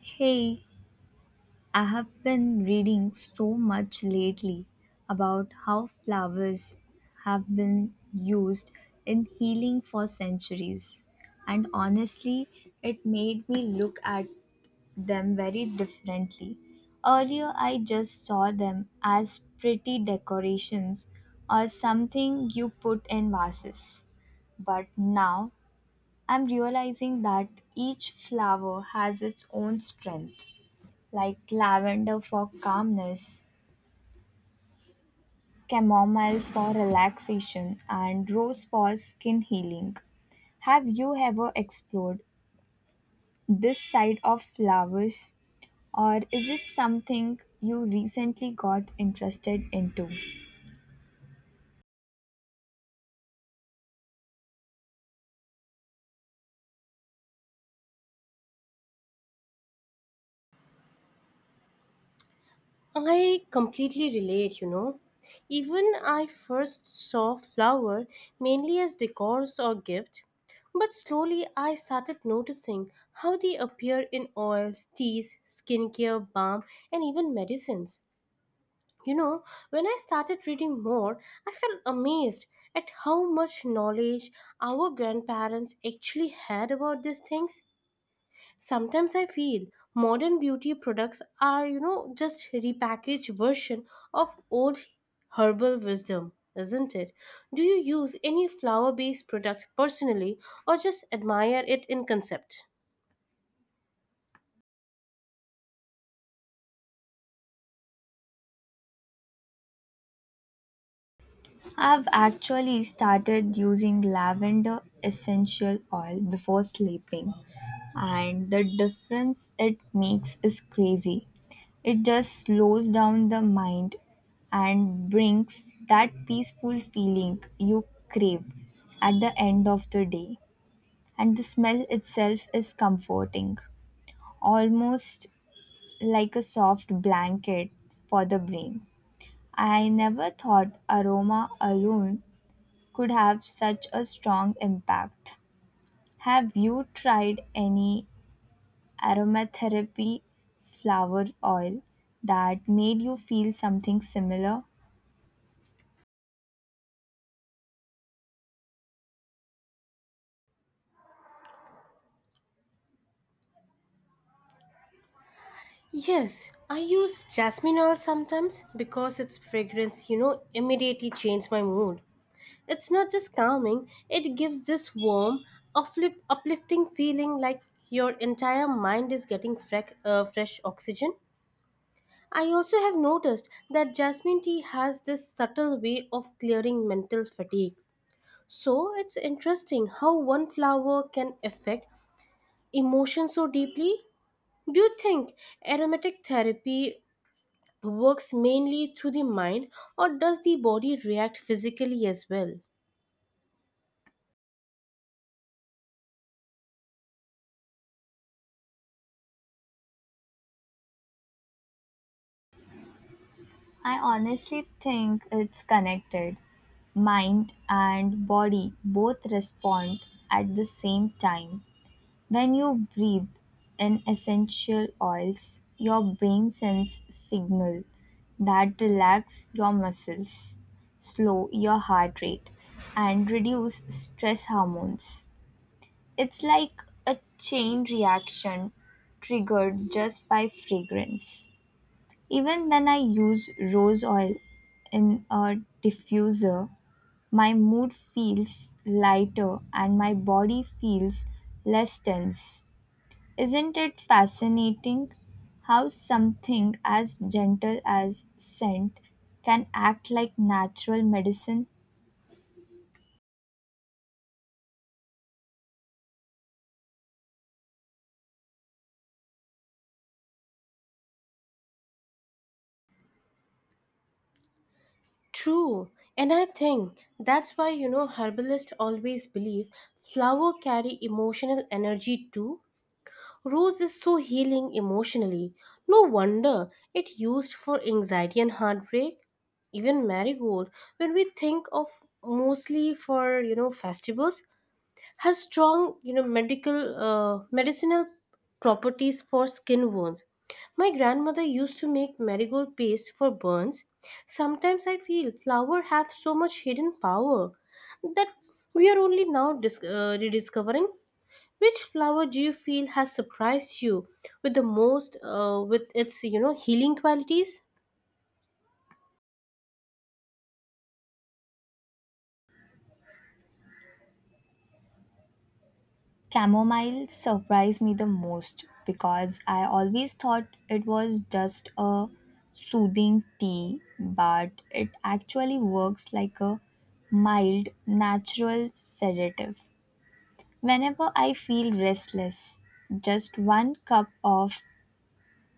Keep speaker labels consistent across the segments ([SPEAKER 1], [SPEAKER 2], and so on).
[SPEAKER 1] Hey, I have been reading so much lately about how flowers have been used in healing for centuries. And honestly, it made me look at them very differently. Earlier, I just saw them as pretty decorations or something you put in vases. But now, I'm realizing that each flower has its own strength like lavender for calmness, chamomile for relaxation, and rose for skin healing. Have you ever explored this side of flowers, or is it something you recently got interested into?
[SPEAKER 2] I completely relate, Even I first saw flower mainly as decors or gift, but slowly I started noticing how they appear in oils, teas, skincare, balm, and even medicines. You know, when I started reading more, I felt amazed at how much knowledge our grandparents actually had about these things. Sometimes I feel modern beauty products are just repackaged version of old herbal wisdom, isn't it? Do you use any flower based product personally or just admire it in concept?
[SPEAKER 1] I've actually started using lavender essential oil before sleeping, and the difference it makes is crazy. It just slows down the mind and brings that peaceful feeling you crave at the end of the day. And the smell itself is comforting, almost like a soft blanket for the brain. I never thought aroma alone could have such a strong impact. Have you tried any aromatherapy flower oil that made you feel something similar?
[SPEAKER 2] Yes, I use jasmine oil sometimes because its fragrance, immediately changes my mood. It's not just calming, it gives this warm, uplifting feeling like your entire mind is getting fresh oxygen. I also have noticed that jasmine tea has this subtle way of clearing mental fatigue. So it's interesting how one flower can affect emotion so deeply. Do you think aromatic therapy works mainly through the mind or does the body react physically as well?
[SPEAKER 1] I honestly think it's connected. Mind and body both respond at the same time. When you breathe in essential oils, your brain sends signal that relax your muscles, slow your heart rate and reduce stress hormones. It's like a chain reaction triggered just by fragrance. Even when I use rose oil in a diffuser, my mood feels lighter and my body feels less tense. Isn't it fascinating how something as gentle as scent can act like natural medicine?
[SPEAKER 2] True, and I think that's why herbalists always believe flower carry emotional energy too. Rose is so healing emotionally. No wonder it used for anxiety and heartbreak. Even marigold, when we think of mostly for festivals, has strong medical medicinal properties for skin wounds. My grandmother used to make marigold paste for burns. Sometimes I feel flowers have so much hidden power that we are only now rediscovering. Which flower do you feel has surprised you with the most with its healing qualities?
[SPEAKER 1] Chamomile surprised me the most because I always thought it was just a soothing tea, but it actually works like a mild, natural sedative. Whenever I feel restless, just one cup of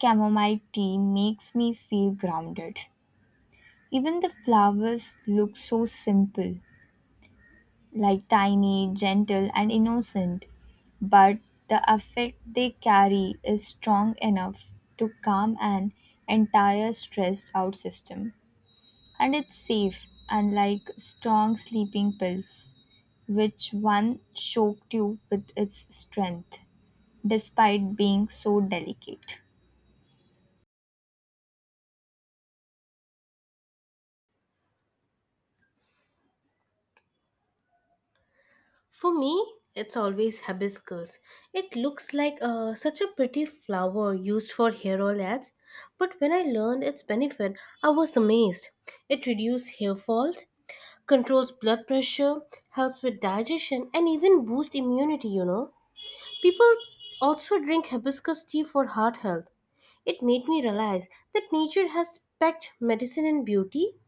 [SPEAKER 1] chamomile tea makes me feel grounded. Even the flowers look so simple, like tiny, gentle, and innocent, but the affect they carry is strong enough to calm an entire stressed out system. And it's safe, unlike strong sleeping pills, which one choked you with its strength, despite being so delicate.
[SPEAKER 2] For me, it's always hibiscus. It looks like such a pretty flower used for hair oil ads, but when I learned its benefit, I was amazed. It reduces hair fall, controls blood pressure, helps with digestion, and even boosts immunity, People also drink hibiscus tea for heart health. It made me realize that nature has packed medicine and beauty.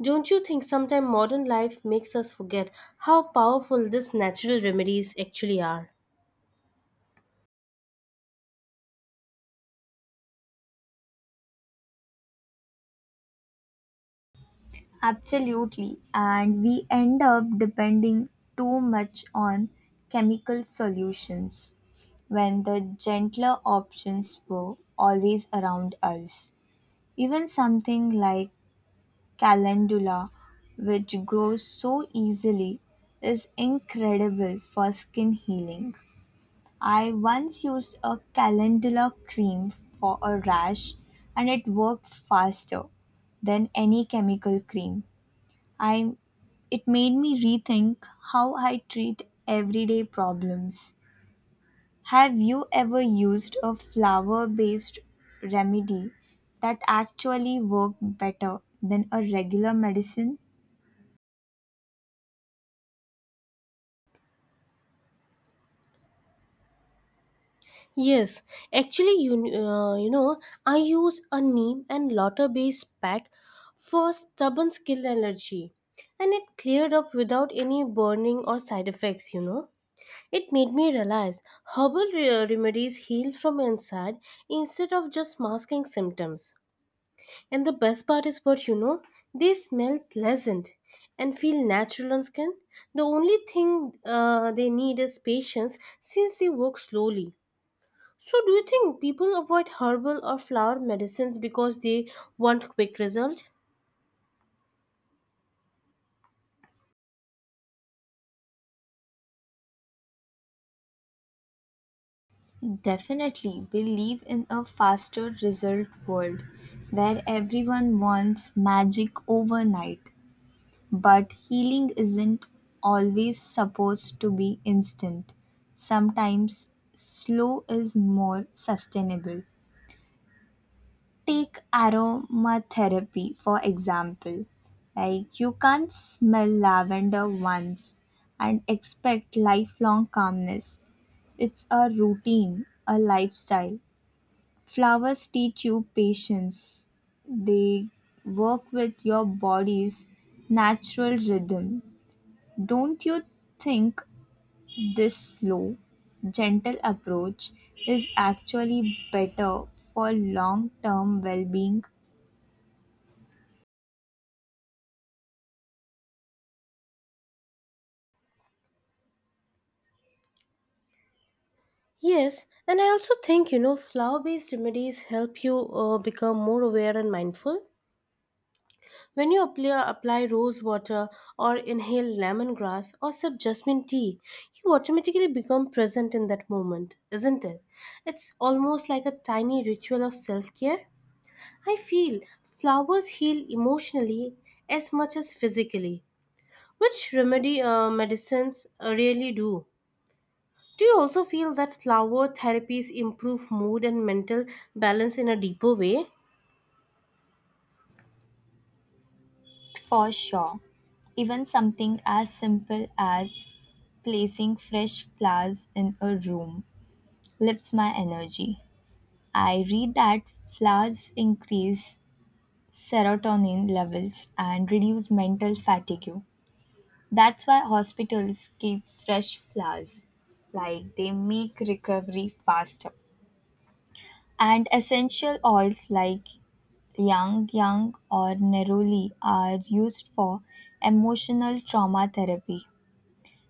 [SPEAKER 2] Don't you think sometimes modern life makes us forget how powerful these natural remedies actually are?
[SPEAKER 1] Absolutely. And we end up depending too much on chemical solutions when the gentler options were always around us. Even something like calendula, which grows so easily, is incredible for skin healing. I once used a calendula cream for a rash and it worked faster than any chemical cream. I It made me rethink how I treat everyday problems. Have you ever used a flower-based remedy that actually worked better than a regular medicine?
[SPEAKER 2] Yes, actually, uh, you know, I use a neem and lauter based pack for stubborn skin allergy, and it cleared up without any burning or side effects. It made me realize herbal remedies heal from inside instead of just masking symptoms. And the best part is what, they smell pleasant and feel natural on skin. The only thing they need is patience since they work slowly. So, do you think people avoid herbal or flower medicines because they want quick result?
[SPEAKER 1] Definitely, we live in a faster result world where everyone wants magic overnight. But healing isn't always supposed to be instant. Sometimes slow is more sustainable. Take aromatherapy for example. Like you can't smell lavender once and expect lifelong calmness. It's a routine, a lifestyle. Flowers teach you patience. They work with your body's natural rhythm. Don't you think this slow, gentle approach is actually better for long term well being?
[SPEAKER 2] Yes, and I also think flower based remedies help you become more aware and mindful. When you apply rose water or inhale lemongrass or sip jasmine tea, you automatically become present in that moment, isn't it? It's almost like a tiny ritual of self care. I feel flowers heal emotionally as much as physically, which remedy medicines really do. Do you also feel that flower therapies improve mood and mental balance in a deeper way?
[SPEAKER 1] For sure. Even something as simple as placing fresh flowers in a room lifts my energy. I read that flowers increase serotonin levels and reduce mental fatigue. That's why hospitals keep fresh flowers, like they make recovery faster. And essential oils like yang yang or neroli are used for emotional trauma therapy.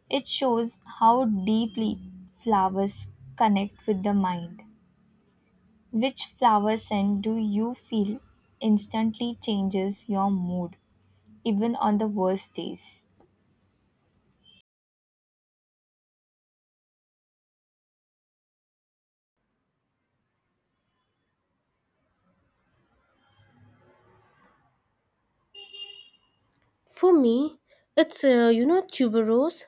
[SPEAKER 1] It shows how deeply flowers connect with the mind. Which flower scent do you feel instantly changes your mood, even on the worst days?
[SPEAKER 2] For me, it's tuberose.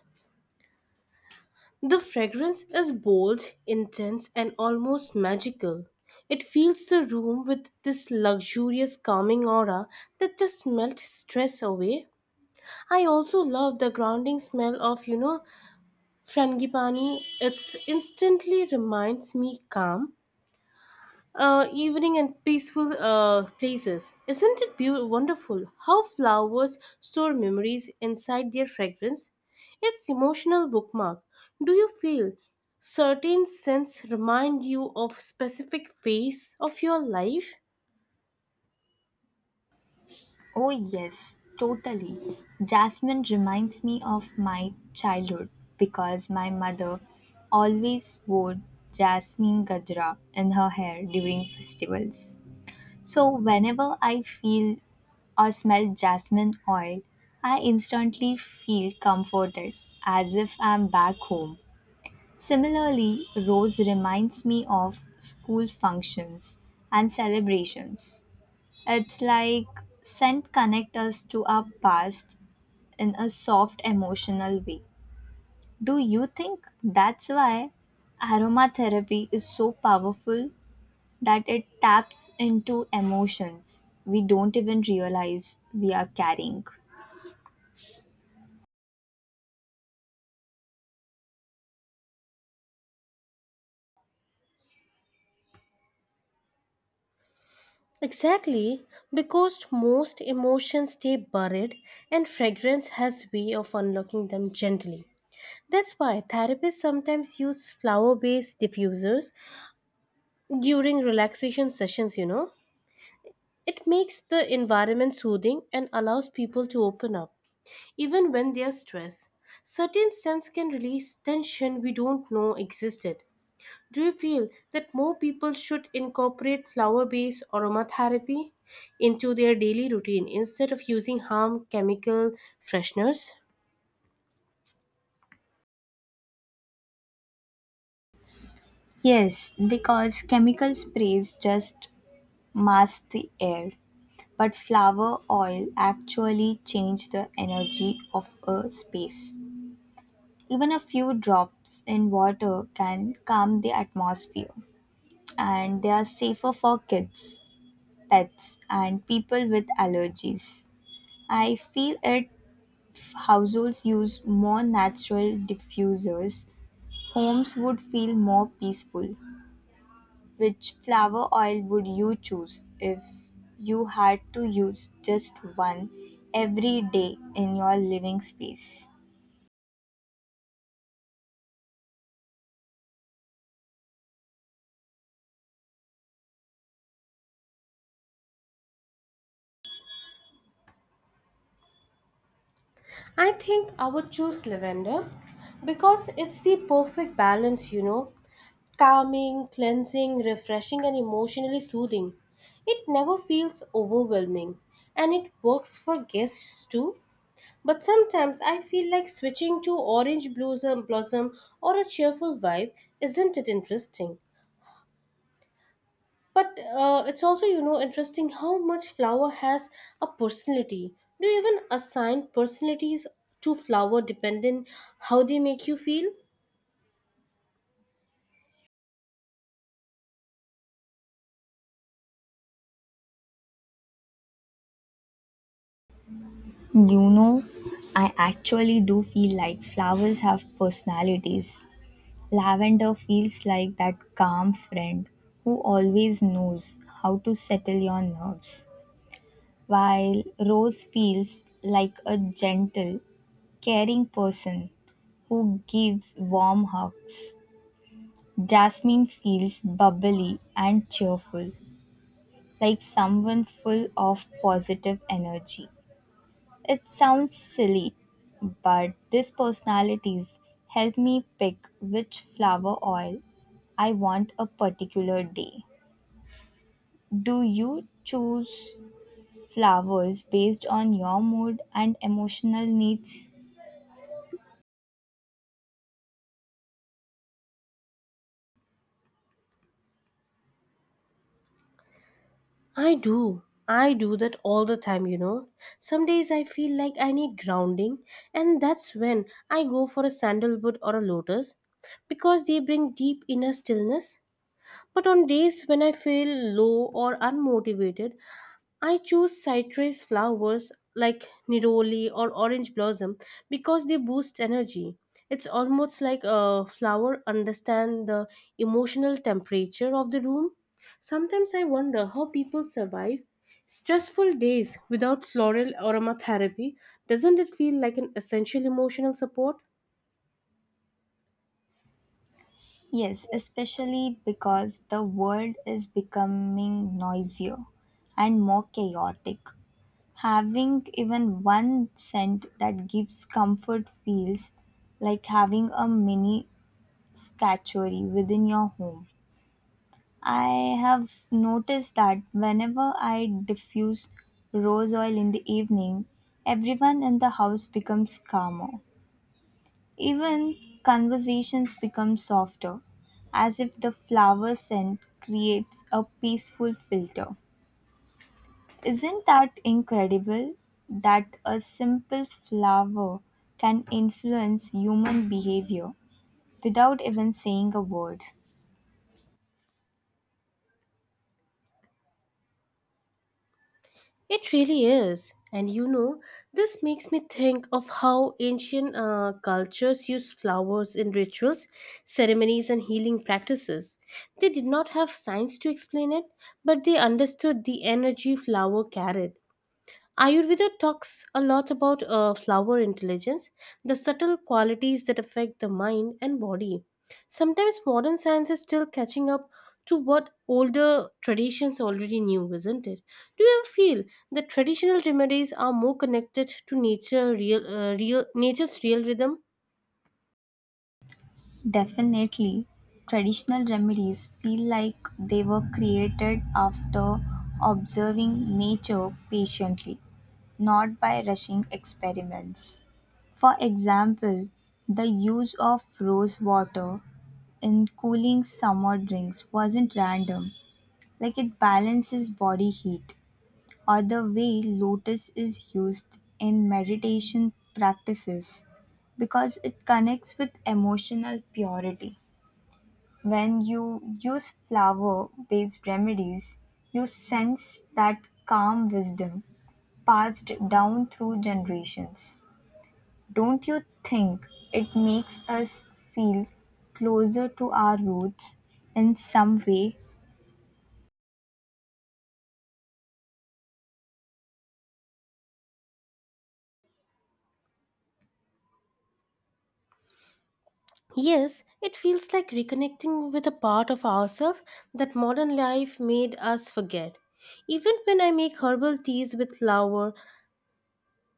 [SPEAKER 2] The fragrance is bold, intense, and almost magical. It fills the room with this luxurious, calming aura that just melts stress away. I also love the grounding smell of, frangipani. It instantly reminds me calm evening and peaceful places. Isn't it beautiful, wonderful how flowers store memories inside their fragrance? It's emotional bookmark. Do you feel certain scents remind you of specific phase of your life?
[SPEAKER 1] Oh, yes, totally. Jasmine reminds me of my childhood because my mother always wore jasmine gajra in her hair during festivals. So, whenever I feel or smell jasmine oil, I instantly feel comforted as if I'm back home. Similarly, rose reminds me of school functions and celebrations. It's like scent connect us to our past in a soft emotional way. Do you think that's why aromatherapy is so powerful that it taps into emotions we don't even realize we are carrying?
[SPEAKER 2] Exactly, because most emotions stay buried and fragrance has way of unlocking them gently. That's why therapists sometimes use flower-based diffusers during relaxation sessions, It makes the environment soothing and allows people to open up, even when they are stressed. Certain scents can release tension we don't know existed. Do you feel that more people should incorporate flower based aromatherapy into their daily routine instead of using harm chemical fresheners?
[SPEAKER 1] Yes, because chemical sprays just mask the air, but flower oil actually change the energy of a space. Even a few drops in water can calm the atmosphere, and they are safer for kids, pets, and people with allergies. I feel if households use more natural diffusers, homes would feel more peaceful. Which flower oil would you choose if you had to use just one every day in your living space?
[SPEAKER 2] I think I would choose lavender because it's the perfect balance, Calming, cleansing, refreshing, and emotionally soothing. It never feels overwhelming and it works for guests too. But sometimes I feel like switching to orange blossom or a cheerful vibe. Isn't it interesting? But it's also, interesting how much flower has a personality. Do you even assign personalities to flower depending how they make you feel?
[SPEAKER 1] You know, I actually do feel like flowers have personalities. Lavender feels like that calm friend who always knows how to settle your nerves, while Rose feels like a gentle, caring person who gives warm hugs. Jasmine feels bubbly and cheerful, like someone full of positive energy. It sounds silly, but these personalities help me pick which flower oil I want a particular day. Do you choose flowers based on your mood and emotional needs?
[SPEAKER 2] I do. I do that all the time, Some days I feel like I need grounding, and that's when I go for a sandalwood or a lotus because they bring deep inner stillness. But on days when I feel low or unmotivated, I choose citrus flowers like neroli or orange blossom because they boost energy. It's almost like a flower understand the emotional temperature of the room. Sometimes I wonder how people survive stressful days without floral aromatherapy. Doesn't it feel like an essential emotional support?
[SPEAKER 1] Yes, especially because the world is becoming noisier and more chaotic. Having even one scent that gives comfort feels like having a mini statuary within your home. I have noticed that whenever I diffuse rose oil in the evening, everyone in the house becomes calmer. Even conversations become softer, as if the flower scent creates a peaceful filter. Isn't that incredible that a simple flower can influence human behavior without even saying a word?
[SPEAKER 2] It really is. And this makes me think of how ancient cultures used flowers in rituals, ceremonies, and healing practices. They did not have science to explain it, but they understood the energy flower carried. Ayurveda talks a lot about flower intelligence, the subtle qualities that affect the mind and body. Sometimes modern science is still catching up to what older traditions already knew, isn't it? Do you feel that traditional remedies are more connected to nature, real nature's real rhythm?
[SPEAKER 1] Definitely, traditional remedies feel like they were created after observing nature patiently, not by rushing experiments. For example, the use of rose water in cooling summer drinks wasn't random, like it balances body heat, or the way lotus is used in meditation practices because it connects with emotional purity. When you use flower based remedies, you sense that calm wisdom passed down through generations. Don't you think it makes us feel closer to our roots in some way?
[SPEAKER 2] Yes, it feels like reconnecting with a part of ourselves that modern life made us forget. Even when I make herbal teas with flower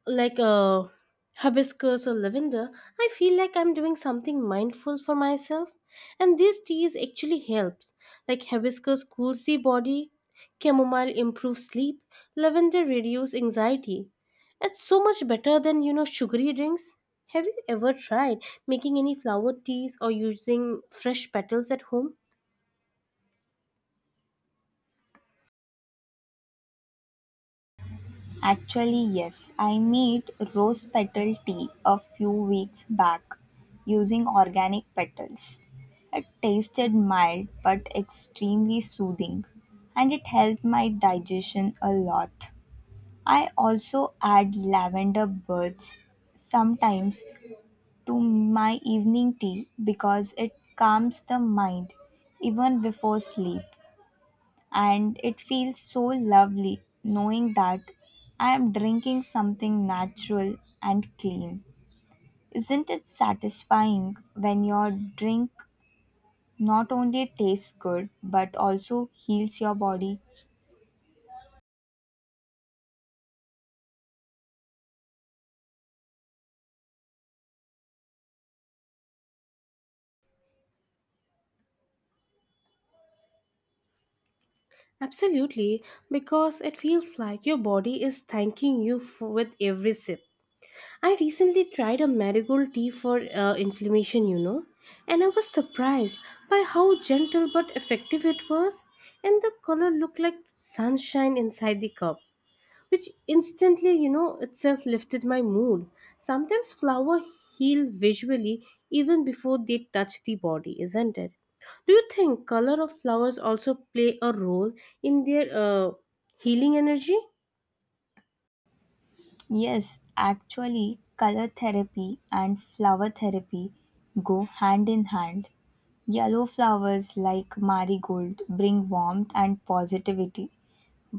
[SPEAKER 2] like a hibiscus or lavender, I feel like I'm doing something mindful for myself. And these teas actually helps. Like hibiscus cools the body, chamomile improves sleep, lavender reduces anxiety. It's so much better than sugary drinks. Have you ever tried making any flower teas or using fresh petals at home?
[SPEAKER 1] Actually, yes, I made rose petal tea a few weeks back using organic petals. It tasted mild but extremely soothing, and it helped my digestion a lot. I also add lavender buds sometimes to my evening tea because it calms the mind even before sleep and it feels so lovely knowing that I am drinking something natural and clean. Isn't it satisfying when your drink not only tastes good but also heals your body?
[SPEAKER 2] Absolutely, because it feels like your body is thanking you for, with every sip. I recently tried a marigold tea for inflammation, and I was surprised by how gentle but effective it was, and the color looked like sunshine inside the cup, which instantly, itself lifted my mood. Sometimes flowers heal visually even before they touch the body, isn't it? Do you think color of flowers also play a role in their healing energy?
[SPEAKER 1] Yes, actually, color therapy and flower therapy go hand in hand. Yellow flowers like marigold bring warmth and positivity,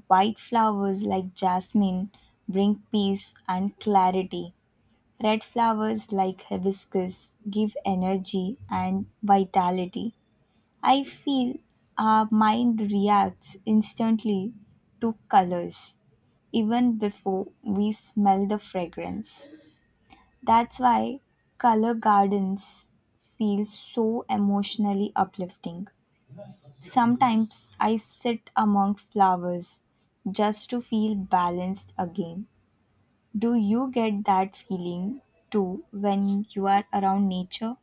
[SPEAKER 1] white flowers like jasmine bring peace and clarity. Red flowers like hibiscus give energy and vitality. I feel our mind reacts instantly to colors even before we smell the fragrance. That's why color gardens feel so emotionally uplifting. Sometimes I sit among flowers just to feel balanced again. Do you get that feeling too when you are around nature?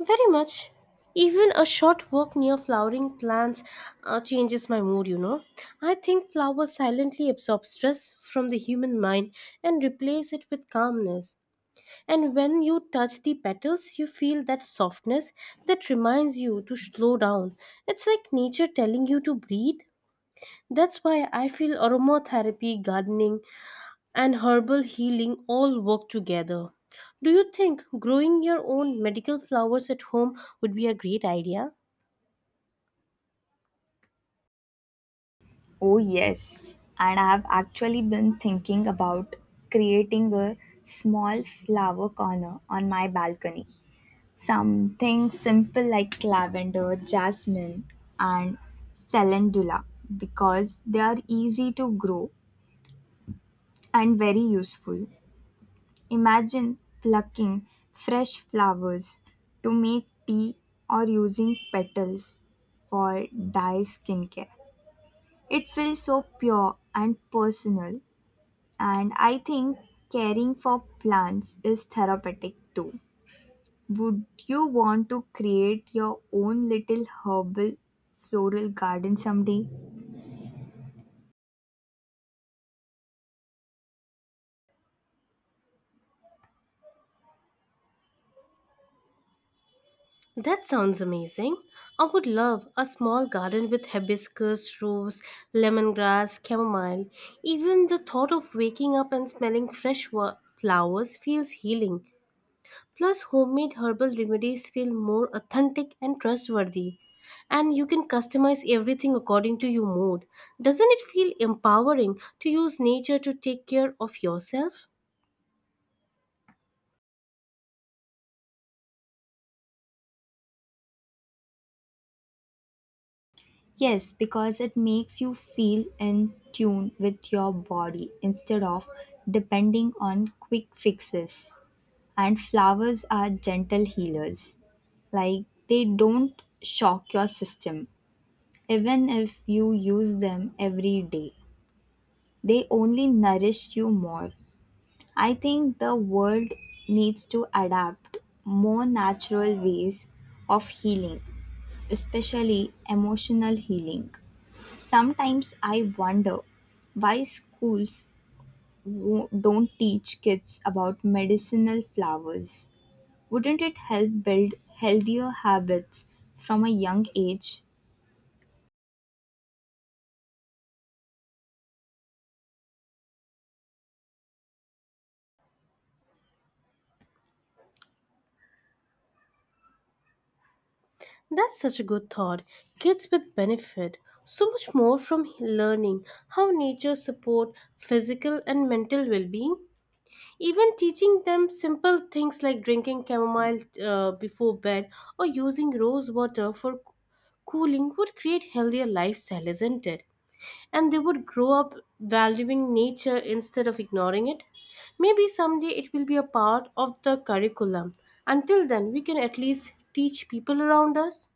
[SPEAKER 2] Very much. Even a short walk near flowering plants changes my mood, I think flowers silently absorb stress from the human mind and replace it with calmness. And when you touch the petals, you feel that softness that reminds you to slow down. It's like nature telling you to breathe. That's why I feel aromatherapy, gardening, and herbal healing all work together. Do you think growing your own medical flowers at home would be a great idea?
[SPEAKER 1] Oh, yes. And I have actually been thinking about creating a small flower corner on my balcony. Something simple like lavender, jasmine, and calendula because they are easy to grow and very useful. Imagine plucking fresh flowers to make tea or using petals for dye skincare. It feels so pure and personal, and I think caring for plants is therapeutic too. Would you want to create your own little herbal floral garden someday?
[SPEAKER 2] That sounds amazing. I would love a small garden with hibiscus, rose, lemongrass, chamomile. Even the thought of waking up and smelling fresh flowers feels healing. Plus, homemade herbal remedies feel more authentic and trustworthy. And you can customize everything according to your mood. Doesn't it feel empowering to use nature to take care of yourself?
[SPEAKER 1] Yes, because it makes you feel in tune with your body instead of depending on quick fixes. And flowers are gentle healers. Like they don't shock your system, even if you use them every day. They only nourish you more. I think the world needs to adapt more natural ways of healing, especially emotional healing. Sometimes I wonder why schools don't teach kids about medicinal flowers. Wouldn't it help build healthier habits from a young age?
[SPEAKER 2] That's such a good thought. Kids with benefit so much more from learning how nature support physical and mental well-being. Even teaching them simple things like drinking chamomile before bed or using rose water for cooling would create healthier lifestyle, isn't it? And they would grow up valuing nature instead of ignoring it. Maybe someday it will be a part of the curriculum. Until then, we can at least teach people around us.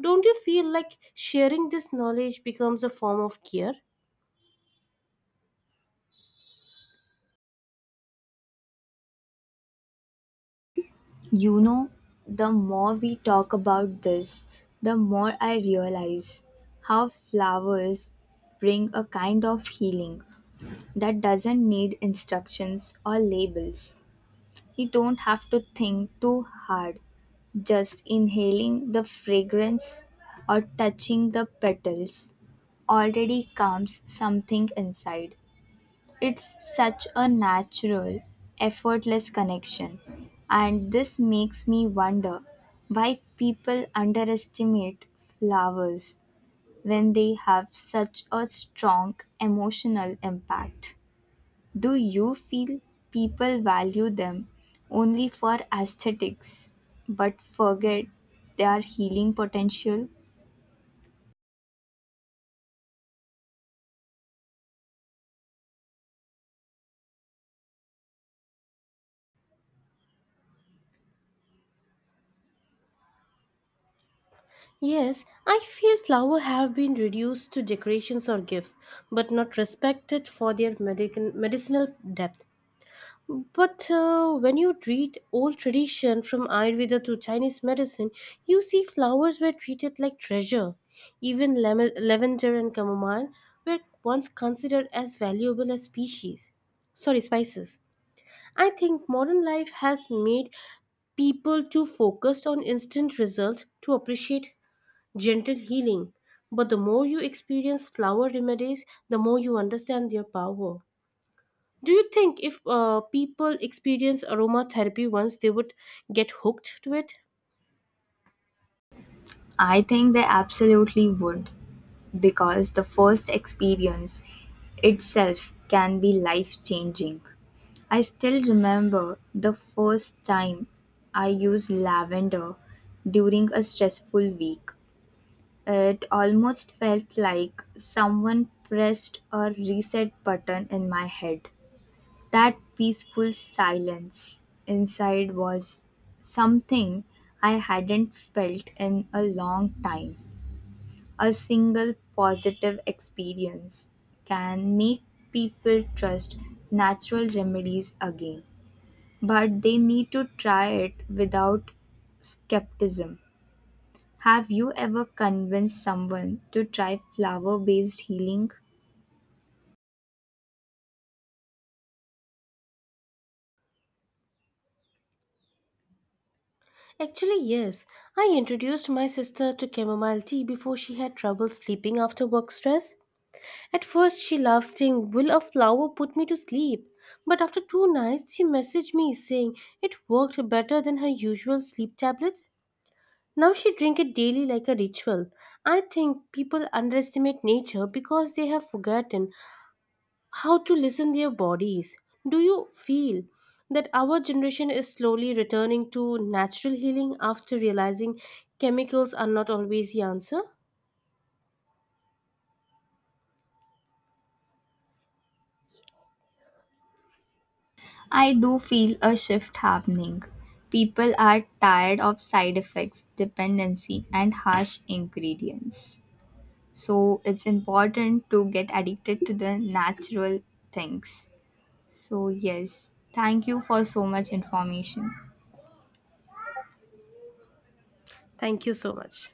[SPEAKER 2] Don't you feel like sharing this knowledge becomes a form of care?
[SPEAKER 1] You know, the more we talk about this, the more I realize how flowers bring a kind of healing that doesn't need instructions or labels. You don't have to think too hard. Just inhaling the fragrance or touching the petals already calms something inside. It's such a natural, effortless connection. And this makes me wonder why people underestimate flowers when they have such a strong emotional impact. Do you feel people value them only for aesthetics but forget their healing potential?
[SPEAKER 2] Yes, I feel flowers have been reduced to decorations or gift, but not respected for their medicinal depth. But when you read old tradition from Ayurveda to Chinese medicine, you see flowers were treated like treasure. Even lavender and chamomile were once considered as valuable as species. Sorry, spices. I think modern life has made people too focused on instant results to appreciate gentle healing. But the more you experience flower remedies, the more you understand their power. Do you think if people experience aromatherapy once, they would get hooked to it?
[SPEAKER 1] I think they absolutely would because the first experience itself can be life changing. I still remember the first time I used lavender during a stressful week. It almost felt like someone pressed a reset button in my head. That peaceful silence inside was something I hadn't felt in a long time. A single positive experience can make people trust natural remedies again, but they need to try it without skepticism. Have you ever convinced someone to try flower based healing?
[SPEAKER 2] Actually, yes. I introduced my sister to chamomile tea before she had trouble sleeping after work stress. At first, she laughed, saying, "Will a flower put me to sleep?" But after 2 nights, she messaged me saying it worked better than her usual sleep tablets. Now she drink it daily like a ritual. I think people underestimate nature because they have forgotten how to listen their bodies. Do you feel that our generation is slowly returning to natural healing after realizing chemicals are not always the answer?
[SPEAKER 1] I do feel a shift happening. People are tired of side effects, dependency, and harsh ingredients. So it's important to get addicted to the natural things. So, yes, thank you for so much information.
[SPEAKER 2] Thank you so much.